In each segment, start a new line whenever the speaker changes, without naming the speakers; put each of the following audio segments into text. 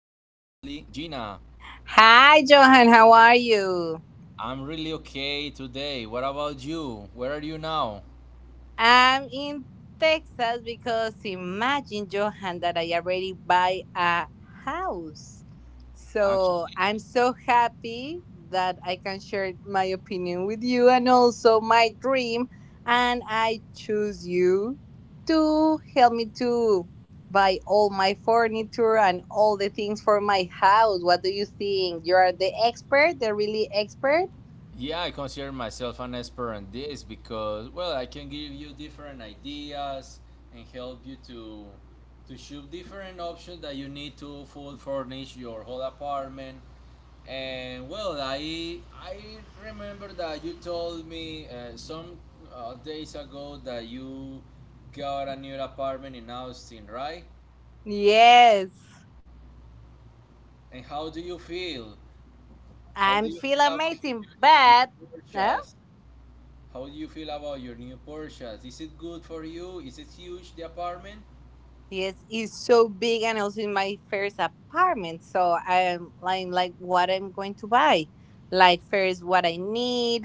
only Gina.
Hi, Johan. How are you?
I'm really okay today. What about you? Where are you now?
I'm in Texas because imagine, Johan, that I already buy a house. So
Actually,
I'm so happy that I can share my opinion with you and also my dream. And I choose you to help me to buy all my furniture and all the things for my house. What do you think? You are the expert, the really expert?
yeah, I consider myself an expert in this because, well, I can give you different ideas and help you to shoot different options that you need to full furnish your whole apartment. And well, I remember that you told me some days ago that you got a new apartment in Austin, right?
Yes.
And how do you feel? How
I
do you
feel
feel about
amazing,
your
but
new
no,
purchase? How do you feel about your new purchase? Is it good for you? Is it huge, the apartment?
yes, it's so big and also in my first apartment. So I'm like what I'm going to buy, like first what I need,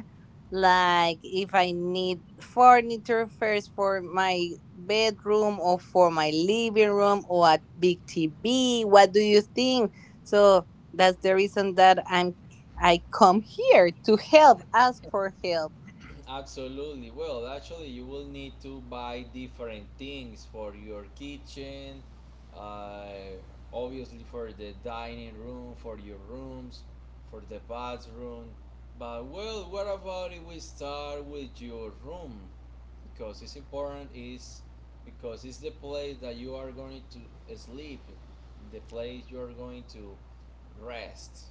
like if I need furniture first for my bedroom or for my living room or a big TV. What do you think? So that's the reason that I come here to help, ask for help.
Absolutely. Well, actually, you will need to buy different things for your kitchen, uh, obviously for the dining room, for your rooms, for the bathroom. But well, what about if we start with your room? Because it's important is because it's the place that you are going to sleep, the place you are going to rest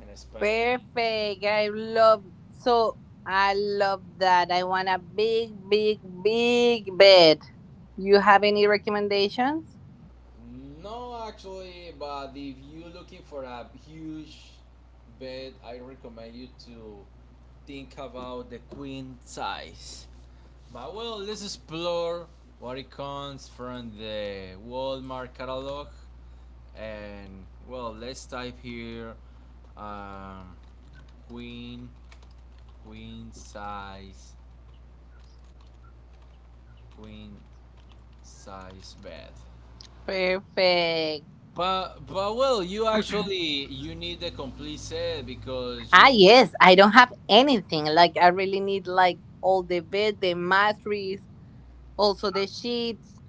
and spend.
Perfect. I love so I love that. I want a big, big, big bed. You have any recommendations?
No, actually, but if you're looking for a huge bed, I recommend you to think about the queen size. But well, let's explore what it comes from the Walmart catalog. And well, let's type here um, queen, queen size, queen size bed.
Perfect.
But well, you actually you need a complete set because
Ah,
you
yes, I don't have anything. Like I really need like all the bed, the mattress, also the sheets.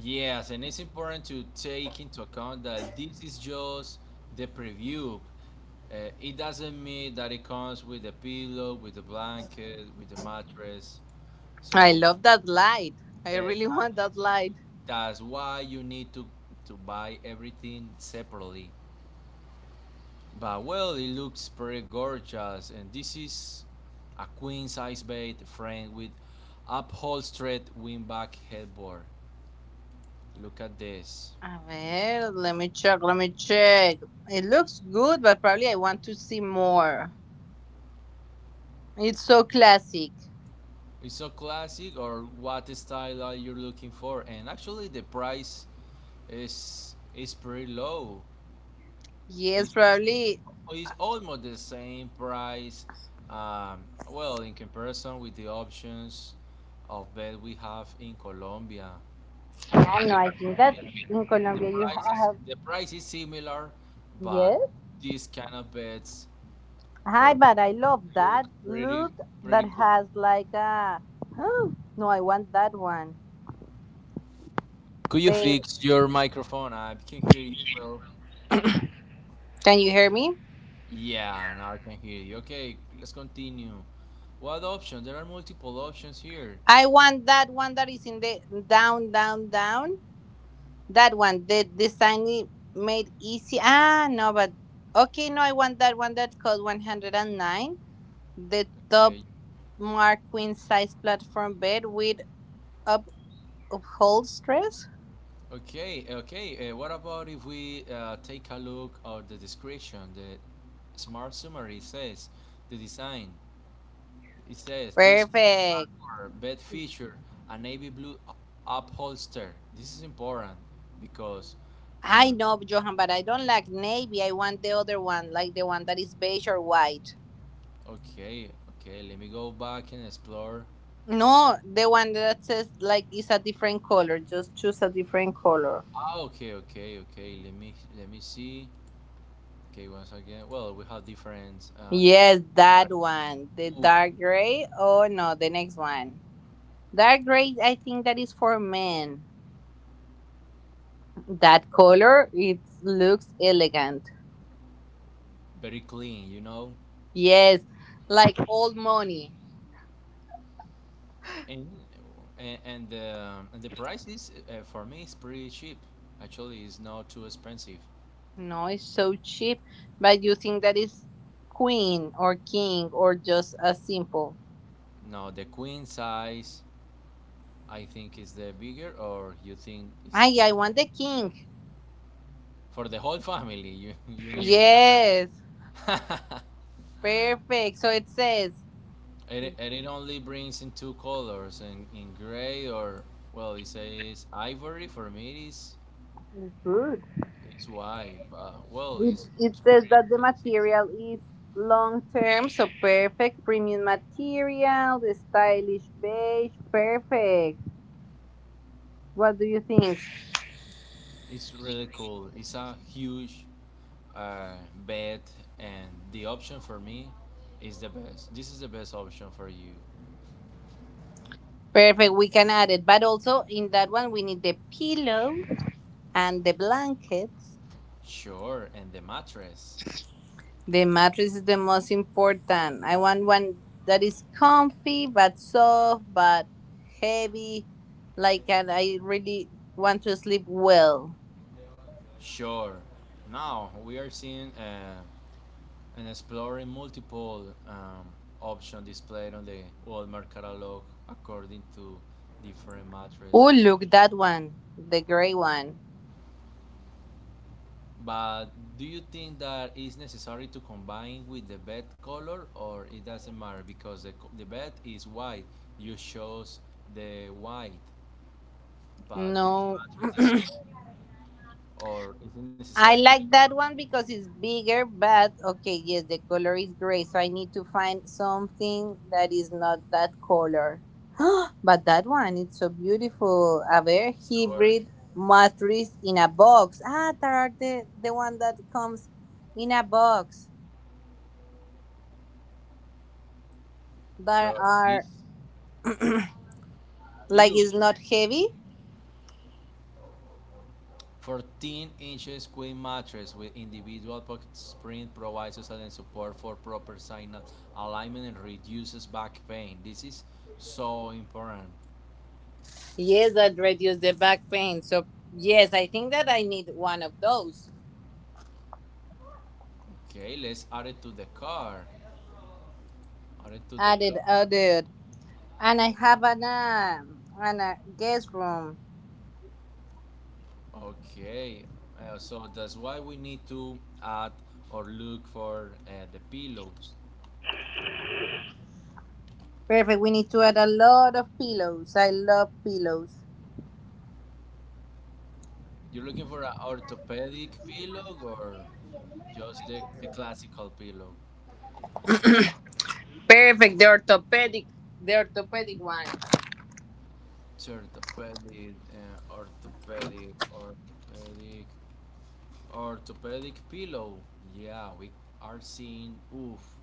yes, and it's important to take into account that this is just the preview. It doesn't mean that it comes with a pillow, with a blanket, with a mattress.
I
So
love that light. I really want
exactly,
that
so
light.
that's why you need to buy everything separately. But well, it looks pretty gorgeous, and this is a queen size bed frame with upholstered wingback headboard. Look at this.
A ver, let me check, let me check. It looks good, but probably I want to see more. It's so classic.
It's so classic, or what style are you looking for? And actually the price is pretty low.
Yes,
It's, it's,
probably.
it's almost the same price, um, well, in comparison with the options of bed we have in Colombia. As
I know. I think that
Colombia
in
the
Colombia you
price is
have.
the price is similar, but
Yes.
these kind of beds for
Hi,
me
but I love
look
that
pretty
look that
pretty cool.
has like a. No, I want that one.
Could you
They
fix your microphone? I can hear you well.
can you hear me?
Yeah, now I can hear you. Okay, let's continue. What options? There are multiple options here.
I want that one that is in the down, down, down. That one, the design made easy. Ah, no, but okay, no, I want that one that cost 109. The top
Okay,
mark queen size platform bed with up upholstery.
okay, okay. What about if we take a look at the description? The smart summary says the design. It says this
Perfect.
platform bed feature a navy blue upholster. This is important because
I
mm,
know, Johan, but I don't like navy. I want the other one, like the one that is beige or white.
okay, okay, let me go back and explore.
No, the one that says like it's a different color. Just choose a different color.
Ah, okay, okay, okay. Let me see. Okay, once again. Well, we have different
Yes, that one. The
oof,
dark gray. Oh no, the next one. Dark gray, I think that is for men. That color, it looks elegant.
very clean, you know.
Yes, like old money.
And and the price is, for me, is pretty cheap. Actually, it's not too expensive.
No, it's so cheap. But you think that is queen or king or just a simple?
Now the queen size I think is the bigger, or you think is
Ay,
king
I want the king.
for the whole family? You mean?
Yes,
and,
perfect. So it says.
and it only brings in two colors, in gray, or well, it says ivory. For me, it is
Good.
it's white, but well, it
It
looks
says
pretty.
that the material is long term, so perfect. Premium material, the stylish beige, perfect. What do you think?
It's really cool. It's a huge uh, bed, and the option for me is the best. This is the best option for you.
Perfect, we can add it. But also in that one, we need the pillow and the blankets.
Sure, and the mattress.
The mattress is the most important. I want one that is comfy but soft but heavy. Like and I really want to sleep well.
Sure. Now we are seeing and exploring multiple options displayed on the Walmart catalog according to different mattress.
Oh, look that one. The gray one.
But do you think that is necessary to combine with the bed color, or it doesn't matter because the bed is white? You chose the white, but this
No.
mattress is red, or is it necessary
I
to?
like that one because it's bigger, but okay, yes, the color is gray, so I need to find something that is not that color. But that one, it's so beautiful. A very
Sure,
hybrid matrix in a box. Ah, there are the one that comes in a box. There
sure. This
are,
it
like,
looks
it's
very
not
clear.
heavy.
14 inches queen mattress with individual pocket spring provides excellent support for proper sinus alignment and reduces back pain. This is so important.
Yes, that reduces the back pain. So, yes, I think that I need one of those.
Okay, let's add it to the car. Add it to the car.
Added, added. And I have an a guest room.
Okay, so that's why we need to add or look for the pillows.
Perfect. We need to add a lot of pillows. I love pillows.
You're looking for an orthopedic pillow or just the classical pillow?
Perfect. The orthopedic one.
Orthopedic, orthopedic pillow. Yeah, we are seeing. Oof,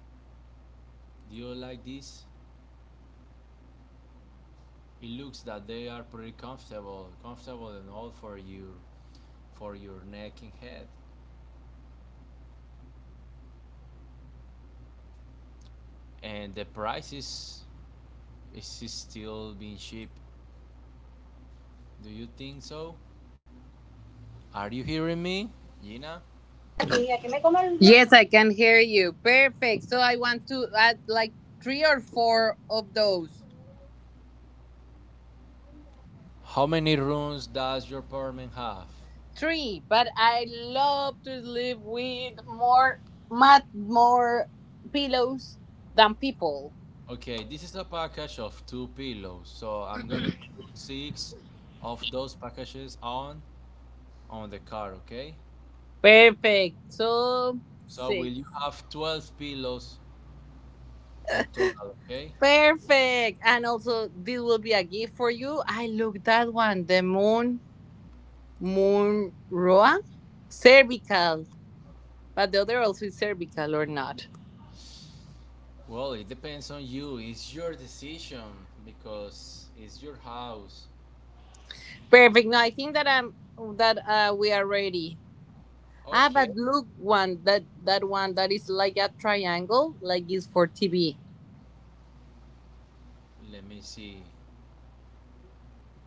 do you like this? It looks that they are pretty comfortable and all for for your neck and head. And the price is still being cheap. Do you think so? Are you hearing me, Gina?
Yes, I can hear you. Perfect. So I want to add like three or four of those.
How many rooms does your apartment have?
Three. But I love to sleep with more pillows than people.
Okay, this is a package of two pillows, so I'm gonna include six of those packages on the car, okay?
Perfect. So
So
six.
will you have 12 pillows in total, okay?
Perfect. And also, this will be a gift for you. I look that one, the moon, moon roa, cervical. But the other also is cervical or not.
Well, it depends on you. It's your decision because it's your house.
Perfect. No, I think that I'm that we are ready. Ah,
Okay,
but look, one that that one that is like a triangle, like is for TV.
let me see.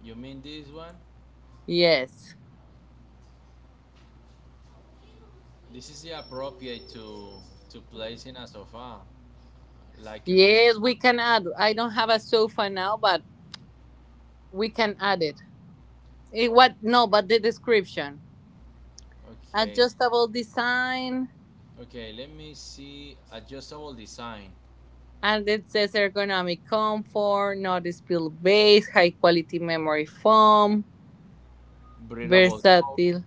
You mean this one?
Yes,
This is the appropriate to place in a sofa, like in this.
yes, we can add. I don't have a sofa now, but we can add it. It
o-
what? No, but the description.
Okay,
Adjustable design.
okay. Let me see adjustable design.
And it says ergonomic comfort, no spill base, high quality memory foam,
Breathable clothes
versatile.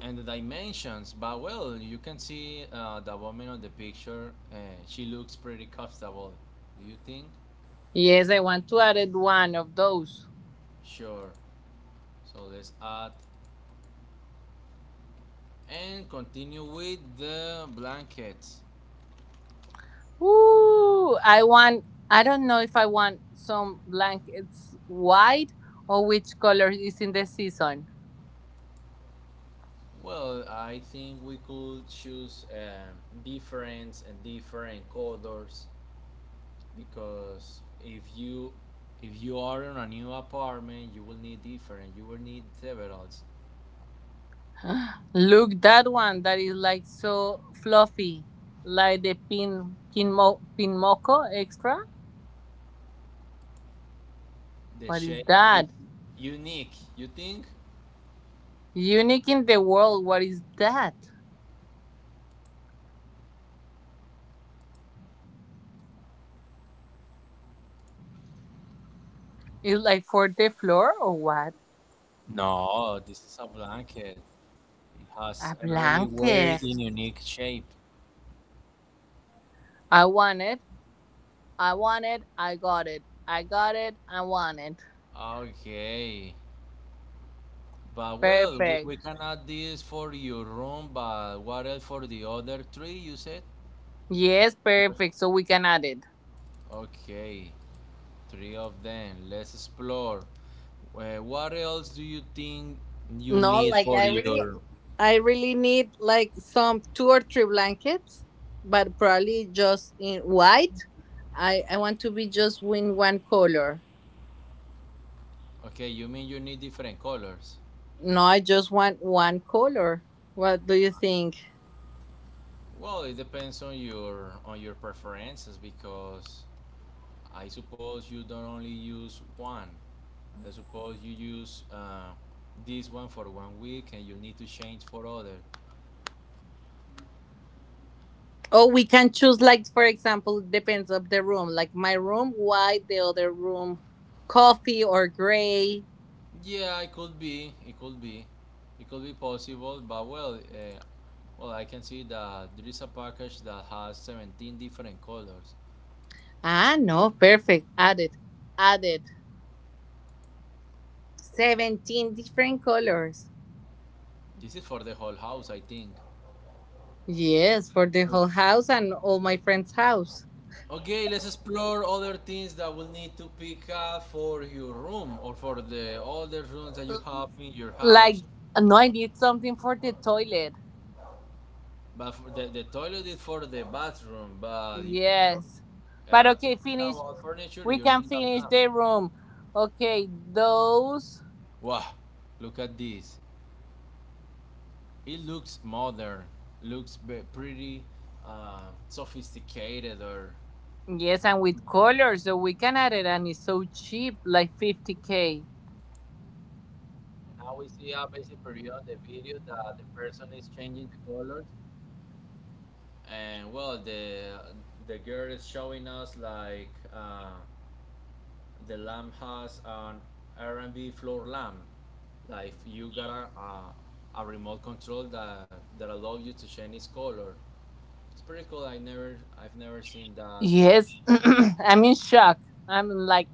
and the dimensions, but well, you can see the woman on the picture. She looks pretty comfortable, do you think?
Yes, I want to add it one of those.
Sure, so let's add and continue with the blankets.
Ooh, I want. I don't know if I want some blankets white or which color is in the season.
Well, I think we could choose different colors, because if you are in a new apartment, you will need different, you will need several.
Look that one that is like so fluffy, like the pin pin, mo, pin moco extra.
The
What is
shape is
that?
unique, you think?
Unique in the world. What is that? It's like for the floor or what?
No, this is a blanket. It has
A
a really weird
blanket.
and unique shape.
I want it. I want it. I got it. I got it. I want it.
Okay. But well, we,
Perfect.
we can add this for your room, but what else for the other three, you said? For
Yes,
the other-
perfect. So we can add it.
Okay, three of them. Let's explore. What else do you think you
No,
need
like
for
I really,
your...
I really need like some two or three blankets, but probably just in white. I want to be just in one color.
Okay, you mean you need different colors?
No, I just want one color. What do you think?
Well, it depends on your preferences, because I suppose you don't only use one. I suppose you use this one for 1 week and you need to change for other.
Oh, we can choose, like, for example, depends of the room. Like my room, white, the other room, coffee or gray.
Yeah, it could be. It could be. It could be possible. But well, well, I can see that there is a package that has 17 different colors.
Ah, no, perfect. Added, added. 17 different colors.
This is for the whole house, I think.
Yes, for the whole house and all my friends' house.
Okay, let's explore other things that we'll need to pick up for your room or for the other rooms that you have in your house.
Like, no, I need something for the toilet.
But for the toilet is for the bathroom, but you
Yes. But
talking
okay, finish.
about furniture,
We
you
can
need a
finish
lamp.
the room. Okay, those.
Wow, look at this. It looks modern, looks pretty sophisticated. Or
Yes, and with colors, so we can add it, and it's so cheap, like 50K.
now we see a basic period the video that the person is changing the colors, and well, the girl is showing us like, the lamp has an r&b floor lamp, like you got a remote control that allows you to change its color. It's pretty cool. I've never seen that lamp.
Yes, I'm in shock. I'm like,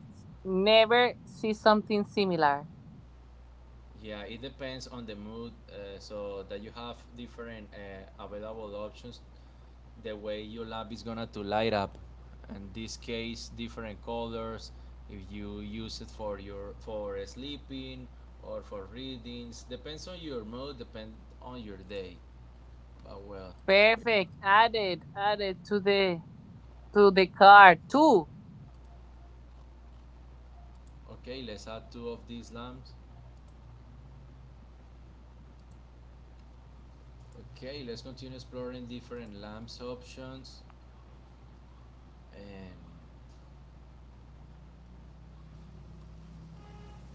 never see something similar.
Yeah, it depends on the mood, so that you have different available options. The way your lamp is gonna to light up, in this case, different colors. If you use it for your for sleeping or for readings, depends on your mood, depend on your day. But well, we-
Perfect. Added, added to the cart. Two.
okay, let's add two of these lamps. Okay, let's continue exploring different lamps options, and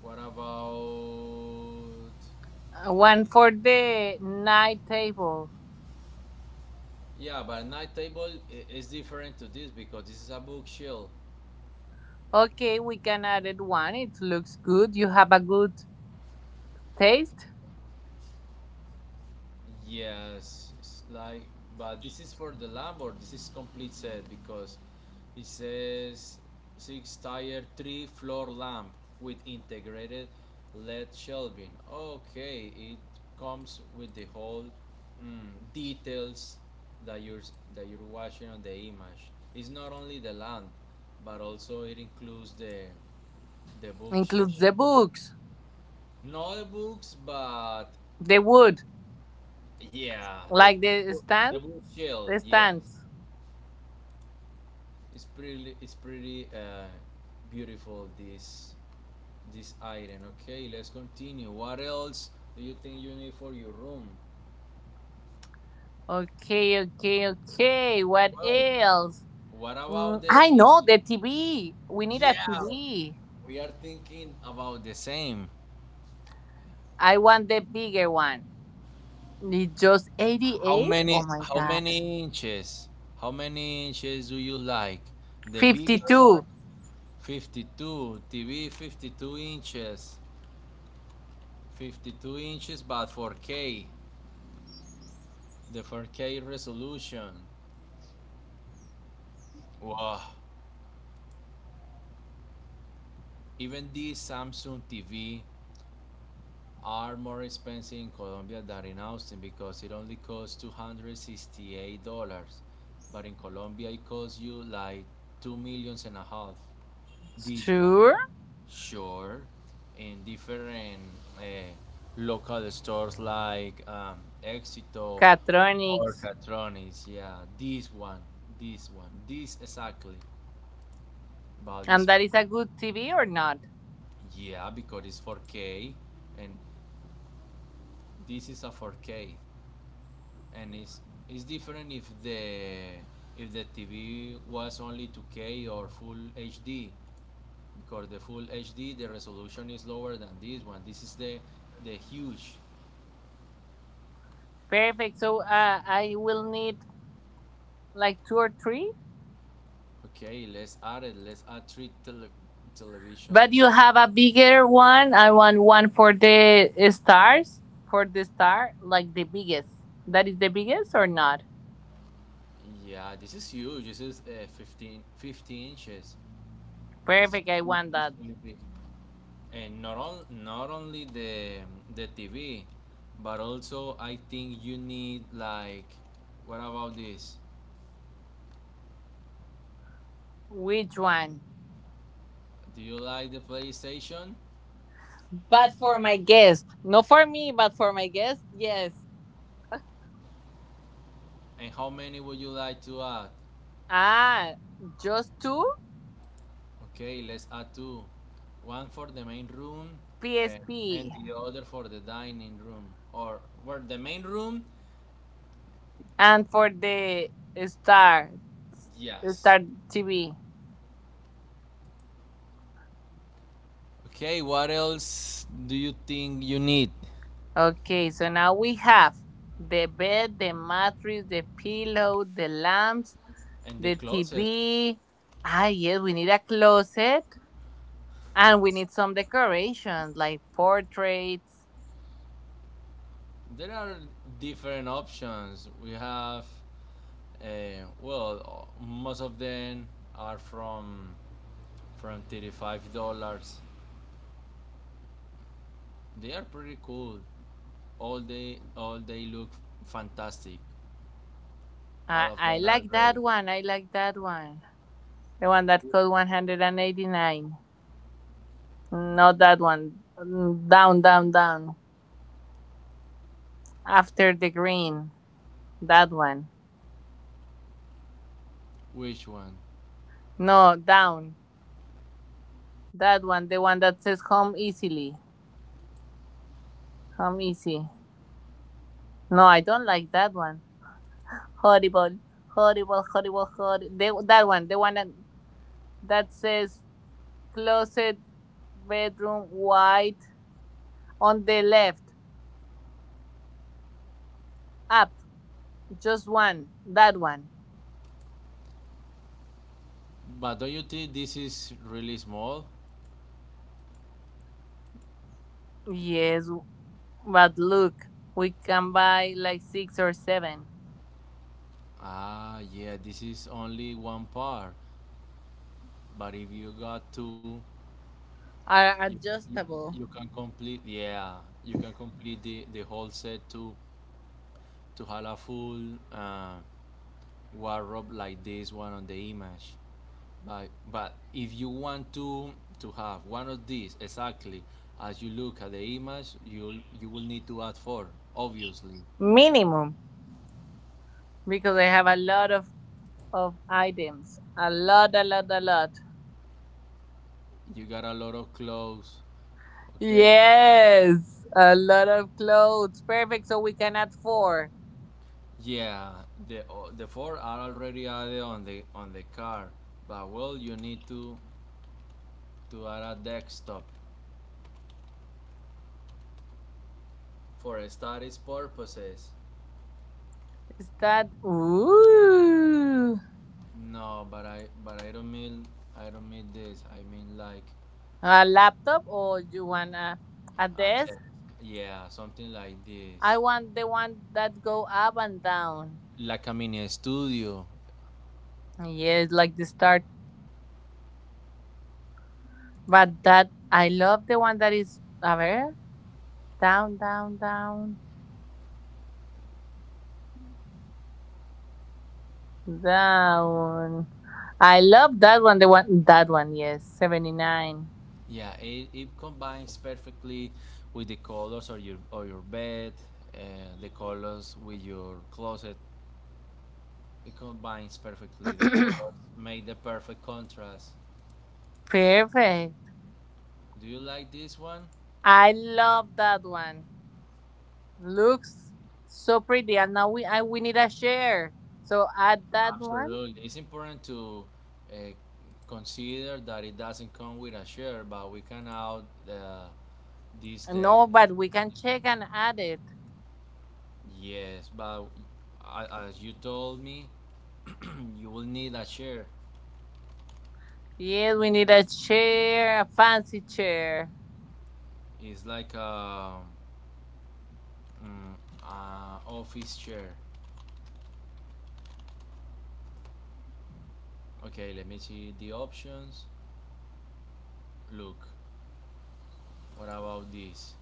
what about
One for the night table.
yeah, but night table is different to this because this is a bookshelf.
Okay, we can add it one. It looks good. You have a good taste.
Yes, it's like, but this is for the lab or this is complete set, because it says six tire, three floor lamp with integrated LED shelving. Okay, it comes with the whole mm, details that you're watching on the image. It's not only the lamp, but also it includes the bookshelf.
Includes the books,
Not the books, but
the wood,
yeah, the
like
the
the
blue,
stand,
the blue shell.
the
Yes,
stands.
it's pretty. It's pretty beautiful. This item. Okay, let's continue. What else do you think you need for your room?
Okay, okay, okay. What
Well,
else?
what about the?
I
the
know the TV. We need a
yeah,
TV.
we are thinking about the same.
I want the bigger one. Need just
How
88? Oh
many?
my
How
god.
many inches? How many inches do you like? The bigger one,
52.
52. TV, 52 inches. 52 inches but 4K. The 4K resolution. Wow. Even these Samsung TV are more expensive in Colombia than in Austin because it only costs $268. But in Colombia it costs you like two millions and a half. This one.
Sure.
Sure. In different uh, local stores like Éxito or
Catronics.
Catronis. Yeah, this one. This one. This exactly. But this,
And that is a good TV or not?
yeah, because it's 4K and this is a 4K, and it's different if the TV was only 2K or full HD, because the full HD the resolution is lower than this one. This is the huge
Perfect. So I will need like two or three.
okay, let's add it. Let's add three
But
televisions.
you have a bigger one. I want one for the stars. For the star, like the biggest. That is the biggest or not?
Yeah, this is huge. This is 15, 50 inches. It's,
Perfect. I want
it's
that.
really big. And not only the TV, but also I think you need like, what about this?
Which one?
Do you like the PlayStation?
But for my guest. Not for me, but for my guest, yes.
And how many would you like to add?
Ah, just two?
Okay, let's add two. One for the main room, uh, and
PSP.
the other for the dining room. Or for the main room?
And for the Star,
Yes.
Star TV.
Okay, what else do you think you need?
Okay, so now we have the bed, the mattress, the pillow, the lamps,
And the
the
closet.
TV. Ah, yes, we need a closet. And we need some decorations like portraits.
There are different options. We have, well, most of them are from $35. They are pretty cool. All they look fantastic. All
I,
of
I
them are
like that
great.
one. I like that one. The one that cost 189. Not that one. Down, down, down. After the green. That one.
Which one?
No, down. That one. The one that says home easily. Home easy. No, I don't like that one. Horrible. Horrible, horrible, horrible. That one. The one that says closet, bedroom, white. On the left. Up. Just one. That one.
But don't you think this is really small?
Yes, but look, we can buy like six or seven.
Ah, yeah, this is only one part. But if you got two,
Are
you, you,
adjustable.
you can complete, yeah, you can complete the whole set to have a full uh, wardrobe like this one on the image. But if you want to have one of these exactly as you look at the image, you will need to add four, obviously.
Minimum. Because I have a lot of items. A lot, a lot, a lot.
You got a lot of clothes. Okay.
Yes. A lot of clothes. Perfect. So we can add four.
Yeah, the four are already added on the car, but well, you need to add a desktop for studies purposes.
Is that ooh
No, but I don't mean, I don't mean this. I mean like
a laptop or you want a
a desk.
desk?
Yeah, something like this,
I want the one that go up and down.
like a mini studio.
Yes, like the start. But that I love the one that is a ver. Down, down, down, down. I love that one. The one that one, yes, 79.
Yeah, it combines perfectly with the colors of your bed, the colors with your closet. It combines perfectly the colors, make the perfect contrast.
Perfect.
Do you like this one?
I love that one. Looks so pretty, and now we need a share. So add that one.
Absolutely. It's important to uh, consider that it doesn't come with a share, but we can out uh, this deck.
No, but we can check and add it.
Yes, but as you told me, you will need a chair.
Yes, we need a chair, a fancy chair.
It's like a, mm, a office chair. Okay, let me see the options. Look, what about this?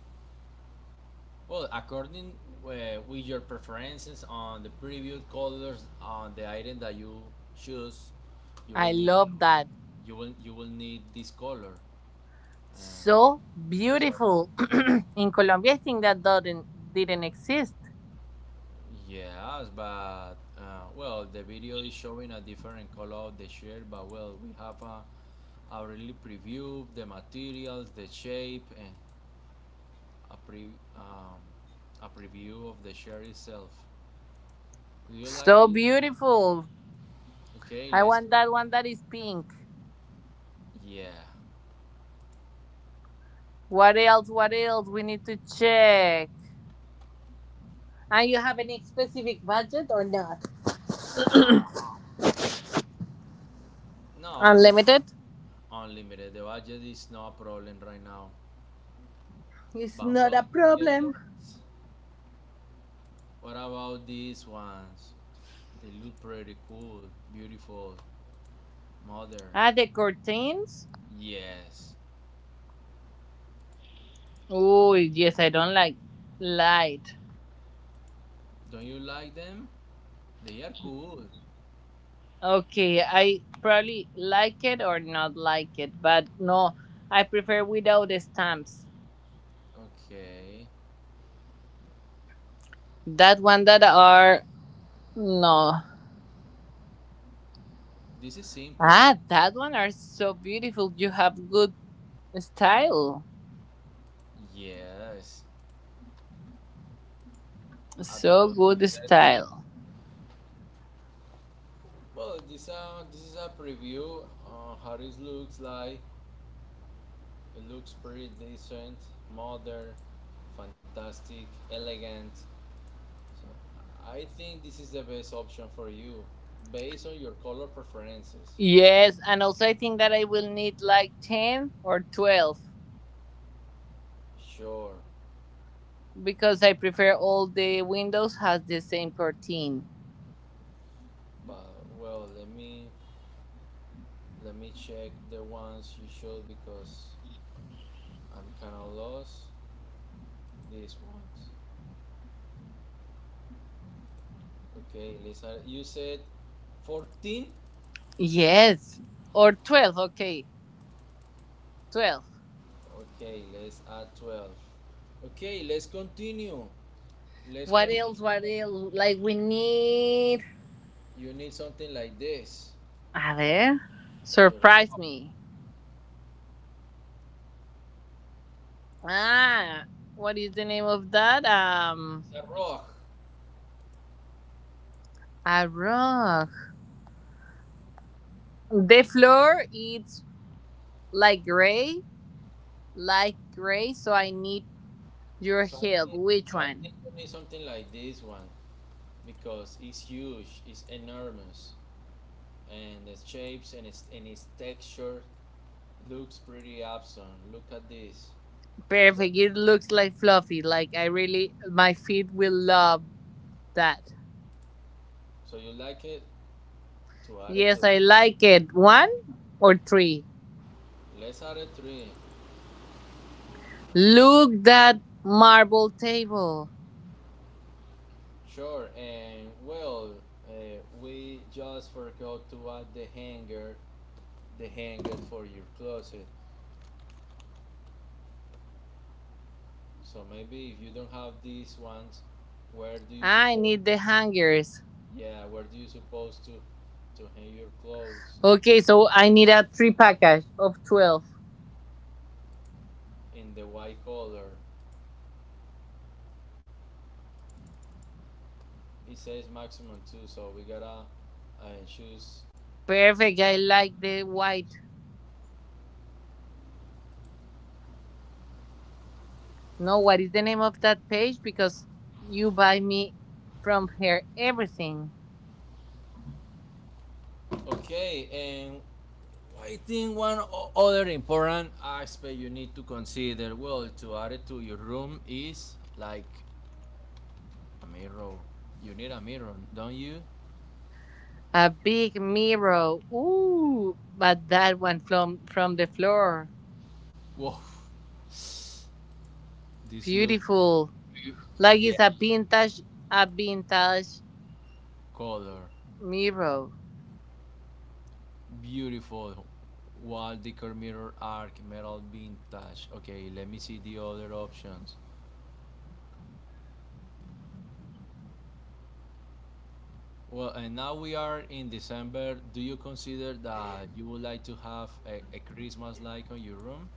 Well, according, with your preferences on the preview colors on the item that you choose, you will
I
need
love that.
you will need this color. Uh,
So
so
beautiful. In Colombia, I think that doesn't didn't exist.
yes, but well, the video is showing a different color of the shirt, but well, we have a already preview the materials, the shape, and a pre um, a preview of the shirt itself. Do you like
So
this?
beautiful.
Okay,
I
let's.
want that one that is pink.
Yeah.
What else? What else? We need to check. And you have any specific budget or not?
No. No, the
Unlimited?
unlimited. The budget is no problem right now.
It's
But
not
well,
a
you need
problem.
words. What about these ones? They look pretty cool, beautiful, modern.
Ah, the curtains?
Yes.
Oh, yes, I don't like light.
Don't you like them? They are cool.
Okay, I probably like it or not like it, but no, I prefer without the stamps.
Okay.
That one that are no.
This is simple.
Ah, that one are so beautiful. You have good style.
Yes.
So
Absolutely.
good
Let's see.
style.
Well, this is a preview on how this looks like. It looks pretty decent, modern, fantastic, elegant. So I think this is the best option for you based on your color preferences.
Yes, and also I think that I will need like 10 or 12
Sure,
because I prefer all the windows has the same curtain.
but well, let me check the ones you showed because I'm kind of lost. These ones. Okay, let's add, you said 14.
Yes, or 12, okay, 12.
Okay, let's add 12. Okay, let's continue. Let's
What
con,
else, what else? Like we need.
you need something like this.
A ver.
The
Surprise
ro-
me. Ah, what is the name of that?
rock.
A rug. The floor it's like gray, like gray, so I need. Your heel, which
So I
one?
think you need something like this one because it's huge, it's enormous, and the shapes and its texture looks pretty awesome. Look at this. So
Perfect. It looks like fluffy. Like my feet will love that.
so you like it to add it
Yes,
to,
I like it. One or three.
let's add it three.
Look that marble table.
Sure. And well, we just forgot to add the hanger for your closet. So maybe if you don't have these ones, where do you
I
suppose?
need the hangers.
Yeah, where do you supposed to hang your clothes
Okay, so I need a three package of 12.
in the white color? It says maximum two, so we gotta choose.
Perfect. I like the white. No, what is the name of that page? Because you buy me from here everything.
Okay, and I think other important aspect you need to consider, well, to add it to your room is like a mirror. You need a mirror, don't you?
A big mirror. Ooh, but that one from the floor.
Whoa, this looks,
Beautiful. Like
yeah,
it's a vintage a vintage
color.
mirror.
Beautiful wall decor mirror arc metal vintage. Okay, let me see the other options. Well, and now we are in December. Do you consider that you would like to have a Christmas light on your room?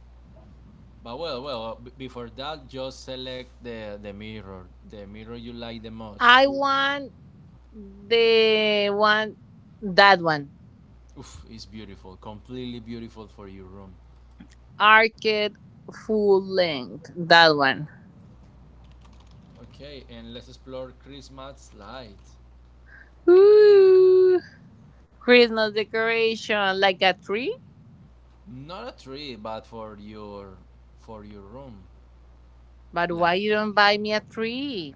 But well, well, before that, just select the mirror you like the most.
I want the one that one.
Oof, it's beautiful, completely beautiful for your room.
Arcade full length. That one.
Okay, and let's explore Christmas light.
Ooh. Christmas decoration like a tree.
Not a tree, but for your, for your room.
But
Like
why you
that.
don't buy me a tree?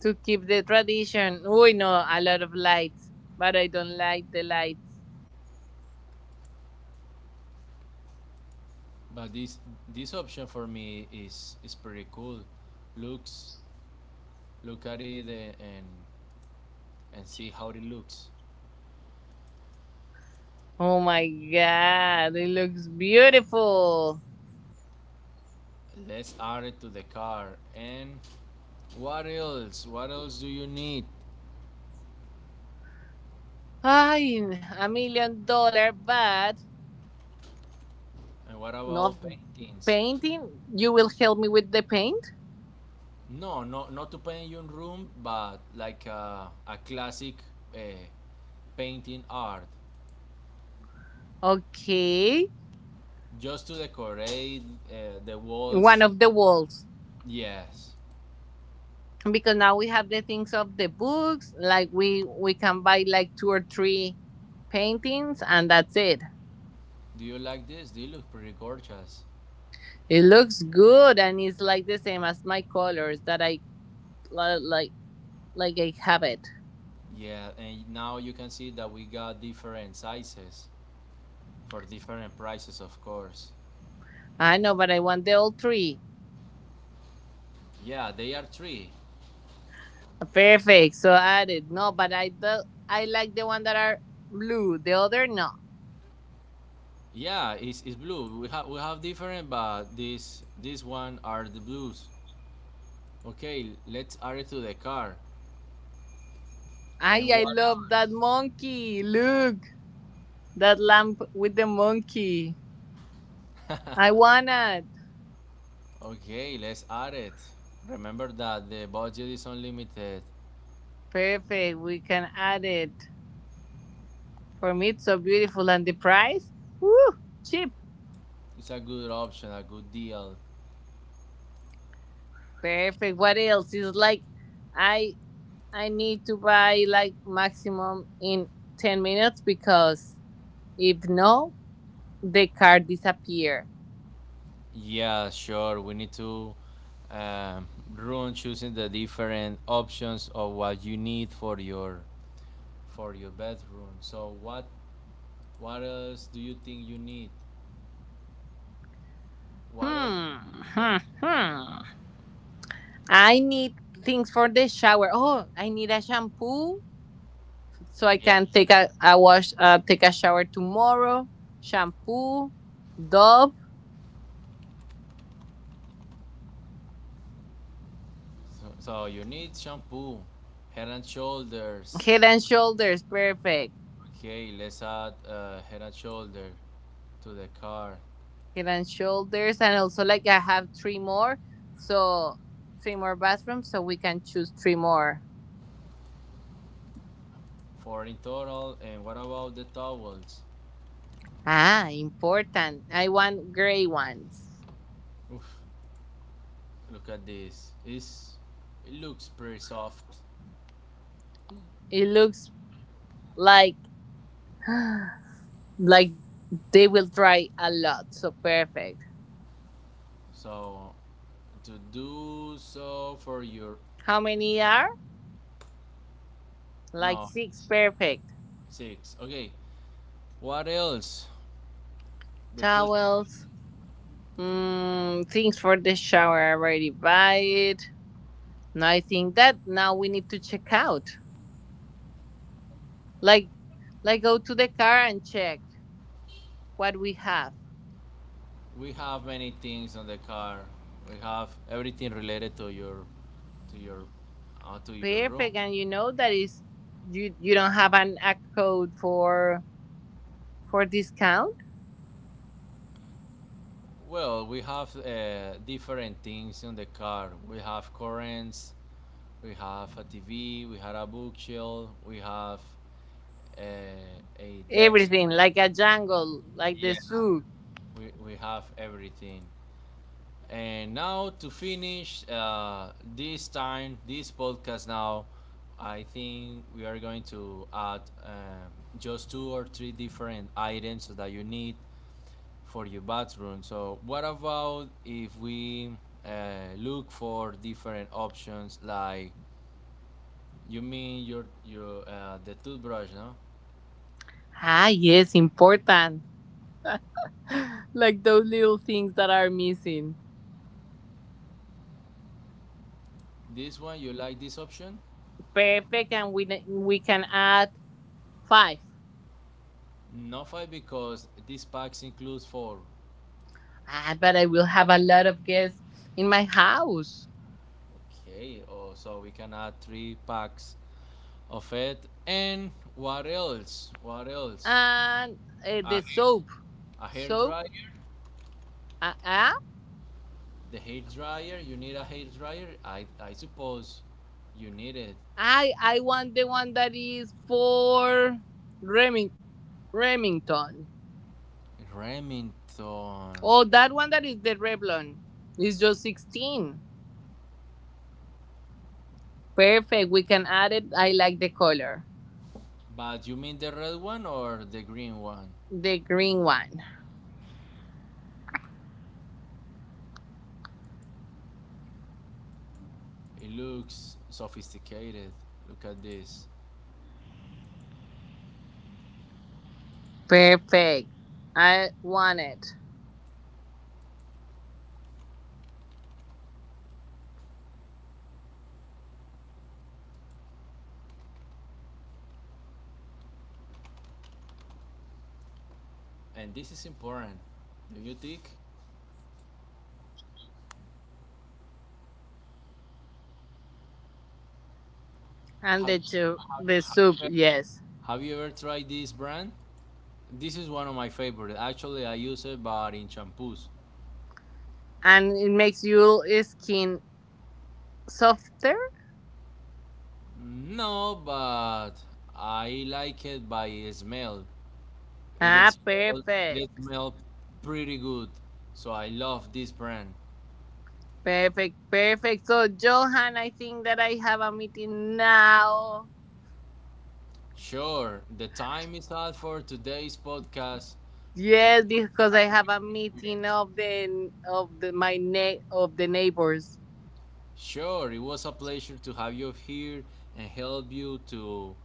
To keep the tradition. Ooh, no, a lot of lights. But I don't like the light.
But this option for me is pretty cool. Looks, look at it, and see how it looks.
Oh my god, it looks beautiful.
Let's add it to the car. And what else? What else do you need?
Ay, 1 million dollar, but
And what
no
about paintings?
painting. You will help me with the paint?
No, no, not to paint your room, but like a classic, uh, painting art,
Okay.
just to decorate the
One
walls.
of the walls.
Yes.
Because now we have the things of the books, like we can buy like two or three paintings and that's it.
Do you like this? They look pretty gorgeous.
It looks good and it's like the same as my colors that li- like like I have it.
Yeah, and now you can see that we got different sizes for different prices, of course.
I know, but I want the all three.
Yeah, they are three.
Perfect. So added. No, but I like the one that are blue. The other no.
Yeah, it's blue. We have, we have different, but this one are the blues. Okay, let's add it to the car.
I
And
I
what
love that monkey. Look, that lamp with the monkey. I
else?
want it.
Okay, let's add it. Remember that the budget is unlimited.
Perfect. We can add it. For me, it's so beautiful. And the price? Woo! Cheap.
It's a good option, a good deal. Okay.
Perfect. What else? It's like I I need to buy like maximum in 10 minutes because if no, the car disappear.
Yeah, sure. We need to um, run choosing the different options of what you need for your, for your bedroom. So what else do you think you need? What else do
Hmm,
you think you
hmm, hmm. I need things for the shower. Oh, I need a shampoo so I
need? Yeah.
can take a shower tomorrow. Shampoo, Dove,
So, so you need shampoo, head and shoulders.
Head and Shoulders, perfect.
Okay, let's add head and shoulder to the car.
Head and Shoulders, and also like I have three more, so three more bathrooms, so we can choose three more.
Four in total. And what about the towels?
Ah, important. I want gray ones.
Oof, look at this. It looks pretty soft.
It looks like like they will dry a lot, so perfect.
So to do so for your,
How many are? Like
no,
six. Perfect.
six. Okay. What else? The two.
Towels. Things for the shower. I already buy it. Now I think that now we need to check out. Like, like go to the car and check what we have.
We have many things on the car. We have everything related to your, to your to your room.
Perfect. And you know that is you. You don't have an a code for discount.
Well, we have different things on the car. We have currents. We have a TV. We have a bookshelf. We have a desk.
Everything like a jungle, like
Yeah,
the zoo.
we have everything. And now to finish this time, this podcast now, I think we are going to add just two or three different items that you need for your bathroom. So, what about if we look for different options? Like, you mean your the toothbrush, no?
Ah, yes, important. Like those little things that are missing
This one, you like this option?
perfect and we can add. Five.
No five because this packs includes four.
Ah, but I will have a lot of guests in my house.
Okay, oh, so we can add three packs of it. And what else? What else?
And the
A hair,
soap.
a hair
Soap?
dryer.
Uh, uh,
The hair dryer. You need a hair dryer. I suppose you need it.
I want the one that is for Reming- Remington.
Remington.
Oh, that one that is the Revlon. It's just 16. Perfect. We can add it. I like the color.
But you mean the red one or the green one?
The green one.
It looks sophisticated. Look at this.
Perfect. I want it.
And this is important. Do you think?
And
Have
the
have,
soup,
have,
yes.
have you ever tried this brand? This is one of my favorite. Actually, I use it, but in shampoos.
And it makes your skin softer.
No, but I like it by smell.
Ah,
It
perfect.
smell pretty good. So I love this brand.
Perfect, perfect. So, Johan, I think that I have a meeting now.
Sure, the time is out for today's podcast. It
Yes,
was
because I
a
have
great
a meeting
experience.
of the neighbors.
Sure, it was a pleasure to have you here and help you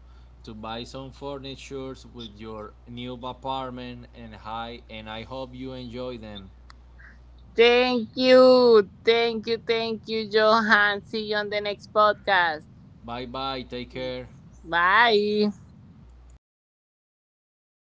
to buy some furnitures with your new apartment and hi and I hope you enjoy them.
Thank you, thank you, thank you, Johan. See you on the next podcast.
Bye bye, take care.
Bye.